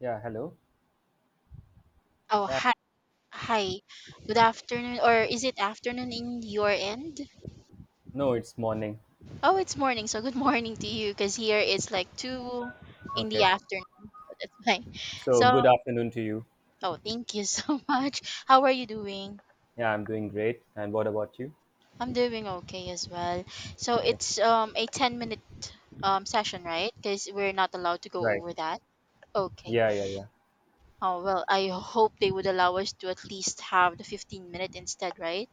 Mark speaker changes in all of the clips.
Speaker 1: Yeah, hello.
Speaker 2: Oh,
Speaker 1: Yeah,
Speaker 2: hi. Hi. Good afternoon, or is it afternoon in your end?
Speaker 1: no, it's morning.
Speaker 2: Oh, it's morning, so good morning to you, because here it's like two in the
Speaker 1: Okay.
Speaker 2: afternoon. That's fine.
Speaker 1: So,
Speaker 2: So,
Speaker 1: good afternoon to you.
Speaker 2: oh, thank you so much. How are you doing?
Speaker 1: Yeah, I'm doing great. And what about you?
Speaker 2: I'm doing okay as well. So
Speaker 1: Okay.
Speaker 2: it's a 10 minute session, right? Because we're not allowed to go
Speaker 1: Right.
Speaker 2: over that. Okay.
Speaker 1: Yeah, yeah, yeah.
Speaker 2: Oh, well, I hope they would allow us to at least have the 15-minute instead, right?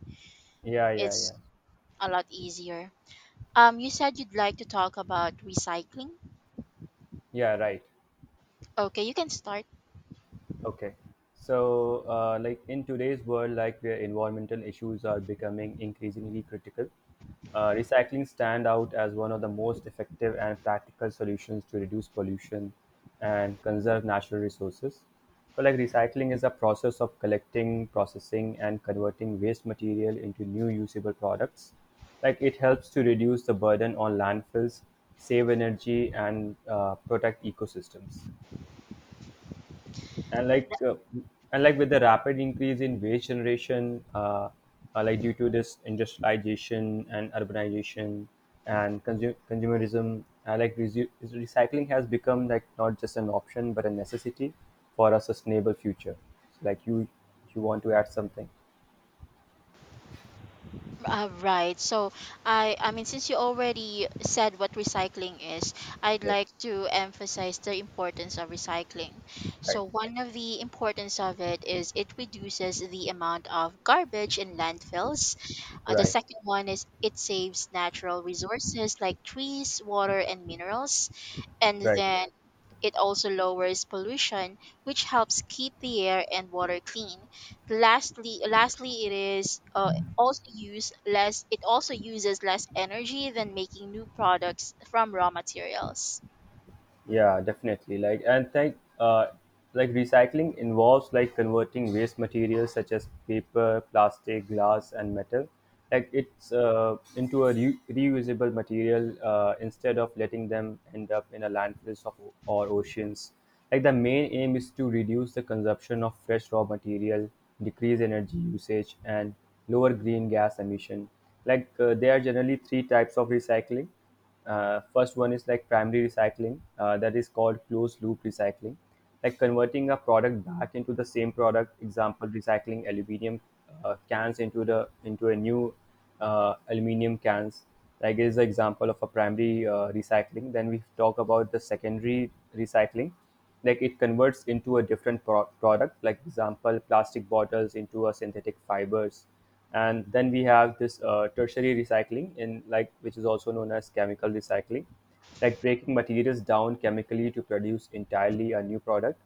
Speaker 1: Yeah, yeah,
Speaker 2: It's
Speaker 1: yeah.
Speaker 2: a lot easier. You said you'd like to talk about recycling.
Speaker 1: Yeah, right.
Speaker 2: Okay, you can start.
Speaker 1: Okay. So, like in today's world, like where environmental issues are becoming increasingly critical, recycling stand out as one of the most effective and practical solutions to reduce pollution and conserve natural resources. So, like recycling is a process of collecting, processing, and converting waste material into new usable products. Like it helps to reduce the burden on landfills, save energy, and protect ecosystems and like uh, and like with the rapid increase in waste generation like due to this industrialization and urbanization and consumerism like recycling has become like not just an option but a necessity for a sustainable future, like you want to add something.
Speaker 2: Right. So, I mean, since you already said what recycling is, I'd
Speaker 1: Yes.
Speaker 2: like to emphasize the importance of recycling.
Speaker 1: Right.
Speaker 2: So, one of the importance of it is it reduces the amount of garbage in landfills. The
Speaker 1: Right.
Speaker 2: second one is it saves natural resources like trees, water, and minerals. And
Speaker 1: Right.
Speaker 2: then it also lowers pollution, which helps keep the air and water clean. Lastly, lastly, it is also use less. It also uses less energy than making new products from raw materials.
Speaker 1: Yeah, definitely. Like recycling involves like converting waste materials such as paper, plastic, glass, and metal, like it's into a reusable material instead of letting them end up in a landfills of, or oceans. Like the main aim is to reduce the consumption of fresh raw material, decrease energy usage, and lower green gas emission. There are generally three types of recycling. First one is like primary recycling, that is called closed loop recycling, like converting a product back into the same product. Example: recycling aluminium cans into the into a new aluminium cans. Like is the example of a primary recycling. Then we talk about the secondary recycling, like it converts into a different product, like example plastic bottles into a synthetic fibers. And then we have this tertiary recycling in like, which is also known as chemical recycling, like breaking materials down chemically to produce entirely a new product.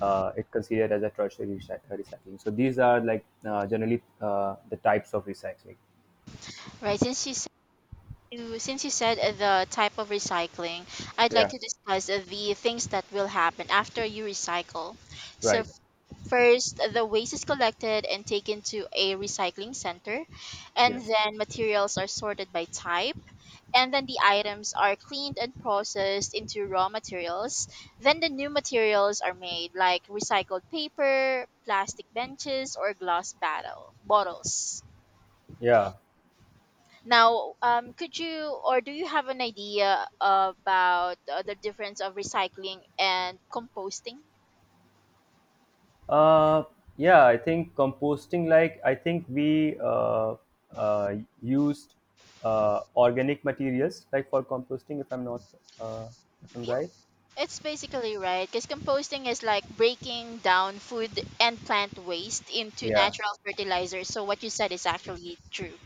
Speaker 1: It considered as a tertiary recycling. So these are like generally the types of recycling.
Speaker 2: Right. Since you said the type of recycling, I'd like
Speaker 1: Yeah.
Speaker 2: to discuss the things that will happen after you recycle. So
Speaker 1: Right.
Speaker 2: first, the waste is collected and taken to a recycling center, and
Speaker 1: Yes.
Speaker 2: then materials are sorted by type, and then the items are cleaned and processed into raw materials. Then the new materials are made, like recycled paper, plastic benches, or glass bottles.
Speaker 1: Yeah.
Speaker 2: Now, could you or do you have an idea about the difference of recycling and composting?
Speaker 1: Uh, yeah, I think composting, like, I think we uh, used organic materials, like, for composting, uh, if I'm
Speaker 2: Yeah,
Speaker 1: right.
Speaker 2: it's basically right because composting is like breaking down food and plant waste into
Speaker 1: Yeah.
Speaker 2: natural fertilizer. So what you said is actually true.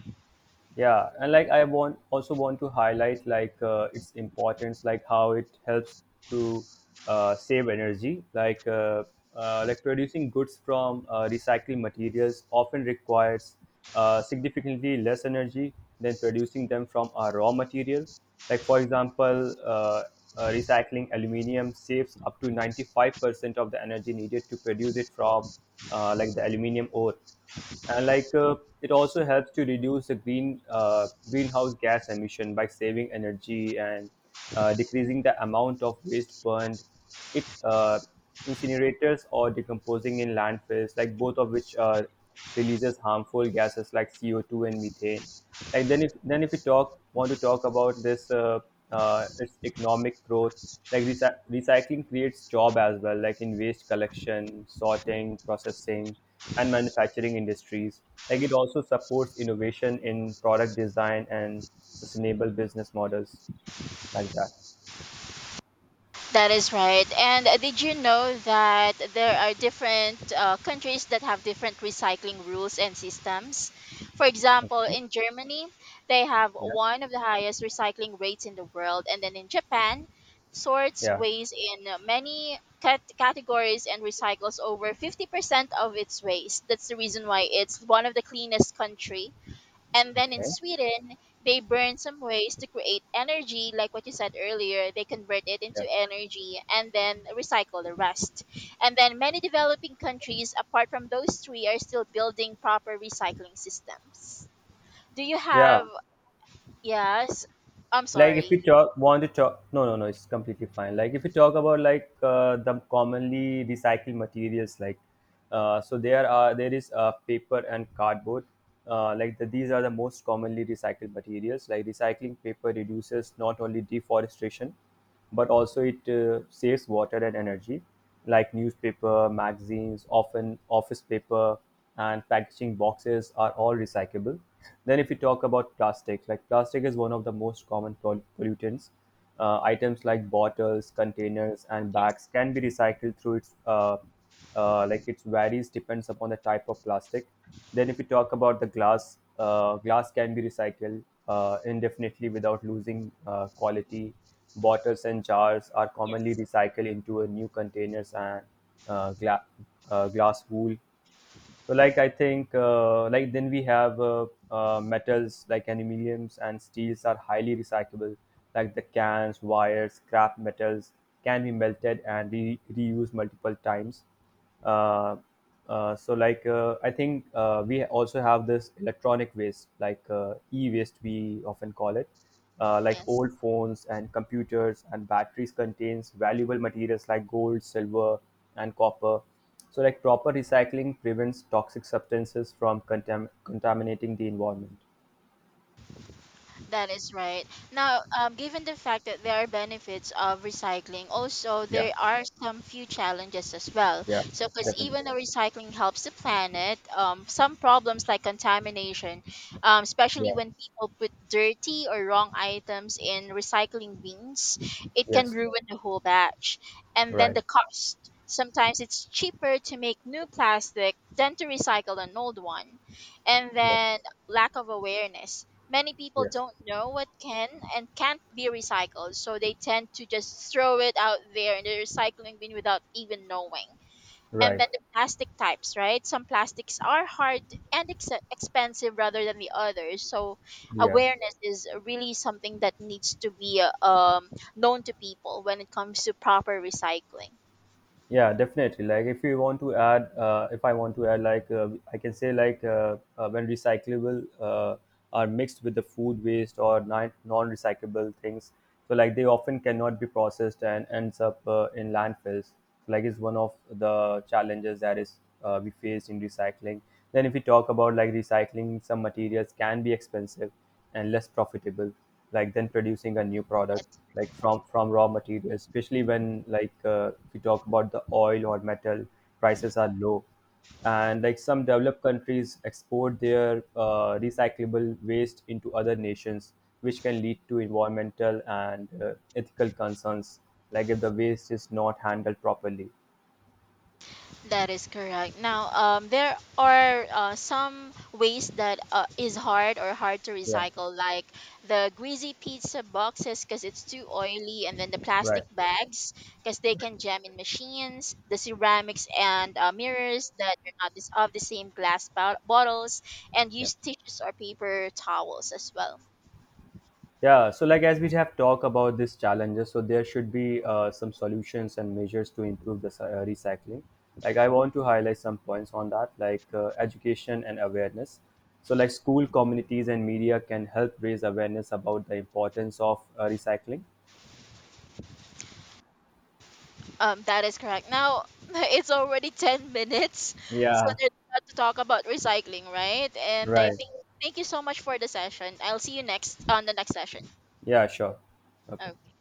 Speaker 1: Yeah, and like I want also want to highlight like its importance, like how it helps to save energy. Like like producing goods from recycled materials often requires significantly less energy than producing them from a raw material. Like for example, recycling aluminum saves up to 95% of the energy needed to produce it from, like, the aluminum ore. And it also helps to reduce the greenhouse gas emission by saving energy and decreasing the amount of waste burned. It incinerators or decomposing in landfills, like both of which releases harmful gases like CO2 and methane. Like then if we talk want to talk about this, its economic growth. Like recycling creates job as well, like in waste collection, sorting, processing, and manufacturing industries. Like it also supports innovation in product design and sustainable business models like that.
Speaker 2: That is right. And did you know that there are different countries that have different recycling rules and systems? For example,
Speaker 1: Okay.
Speaker 2: in Germany, they have
Speaker 1: Yeah.
Speaker 2: one of the highest recycling rates in the world. And then in Japan, sorts
Speaker 1: Yeah.
Speaker 2: waste in many categories and recycles over 50% of its waste. That's the reason why it's one of the cleanest country, and then in
Speaker 1: Okay.
Speaker 2: Sweden, they burn some waste to create energy, like what you said earlier. They convert it
Speaker 1: Yeah.
Speaker 2: into energy and then recycle the rest. And then many developing countries, apart from those three, are still building proper recycling systems. Do you
Speaker 1: Yeah.
Speaker 2: have, yes, I'm
Speaker 1: Like if
Speaker 2: sorry.
Speaker 1: we want to talk, no, no, no, it's completely fine. Like if we talk about like the commonly recycled materials, like so there is paper and cardboard. Like these are the most commonly recycled materials. Like recycling paper reduces not only deforestation but also it saves water and energy, like newspaper, magazines, often office paper and packaging boxes are all recyclable. Then if you talk about plastic, like plastic is one of the most common pollutants. Items like bottles, containers, and
Speaker 2: Yes,
Speaker 1: bags can be recycled through its like it varies depends upon the type of plastic. Then if you talk about the glass, glass can be recycled indefinitely without losing quality. Bottles and jars are commonly
Speaker 2: yes,
Speaker 1: recycled into a new containers and uh, gla- glass wool. So, like I think, like then we have metals, like aluminiums and steels are highly recyclable. Like the cans, wires, scrap metals can be melted and reused multiple times. Uh, so, like I think we also have this electronic waste, like e-waste, we often call it.
Speaker 2: yes.
Speaker 1: Like
Speaker 2: Yes.
Speaker 1: old phones and computers and batteries contains valuable materials like gold, silver, and copper. So like proper recycling prevents toxic substances from contaminating the environment.
Speaker 2: That is right. Now, given the fact that there are benefits of recycling, also
Speaker 1: Yeah.
Speaker 2: there are some few challenges as well.
Speaker 1: Yeah,
Speaker 2: So, because
Speaker 1: definitely.
Speaker 2: even though recycling helps the planet, some problems like contamination, especially
Speaker 1: Yeah.
Speaker 2: when people put dirty or wrong items in recycling bins, it can
Speaker 1: Yes.
Speaker 2: ruin the whole batch. And then
Speaker 1: Right.
Speaker 2: the cost. Sometimes it's cheaper to make new plastic than to recycle an old one. And
Speaker 1: Yeah.
Speaker 2: then lack of awareness. Many people
Speaker 1: Yes.
Speaker 2: don't know what can and can't be recycled, so they tend to just throw it out there in the recycling bin without even knowing. And
Speaker 1: Right.
Speaker 2: then the plastic types, right? Some plastics are hard and expensive rather than the others. So
Speaker 1: Yeah.
Speaker 2: awareness is really something that needs to be known to people when it comes to proper recycling.
Speaker 1: Yeah, definitely. Like if you want to add, if I want to add, like, I can say, like, when recyclable are mixed with the food waste or non-recyclable things, so like they often cannot be processed and ends up in landfills. Like it's one of the challenges that is we face in recycling. Then if we talk about like recycling, some materials can be expensive and less profitable, like then producing a new product, like from raw materials, especially when, like, we talk about the oil or metal prices are low. And like some developed countries export their recyclable waste into other nations, which can lead to environmental and ethical concerns, like if the waste is not handled properly.
Speaker 2: That is correct. Now, there are some waste that is hard or hard to
Speaker 1: Yeah.
Speaker 2: recycle, like the greasy pizza boxes because it's too oily, and then the plastic
Speaker 1: Right.
Speaker 2: bags because they
Speaker 1: Right.
Speaker 2: can jam in machines, the ceramics and mirrors that are not this, of the same bottles, and
Speaker 1: Yeah.
Speaker 2: used tissues or paper towels as well.
Speaker 1: Yeah, so like as we have talked about these challenges, so there should be some solutions and measures to improve the recycling. Like I want to highlight some points on that, like education and awareness. So like school, communities, and media can help raise awareness about the importance of recycling.
Speaker 2: That is correct. Now, it's already 10 minutes, so
Speaker 1: Yeah,
Speaker 2: there's a lot to talk about recycling, right? And I
Speaker 1: right.
Speaker 2: think thank you so much for the session. I'll see you next on the next session.
Speaker 1: Yeah, sure. Okay.
Speaker 2: Oh.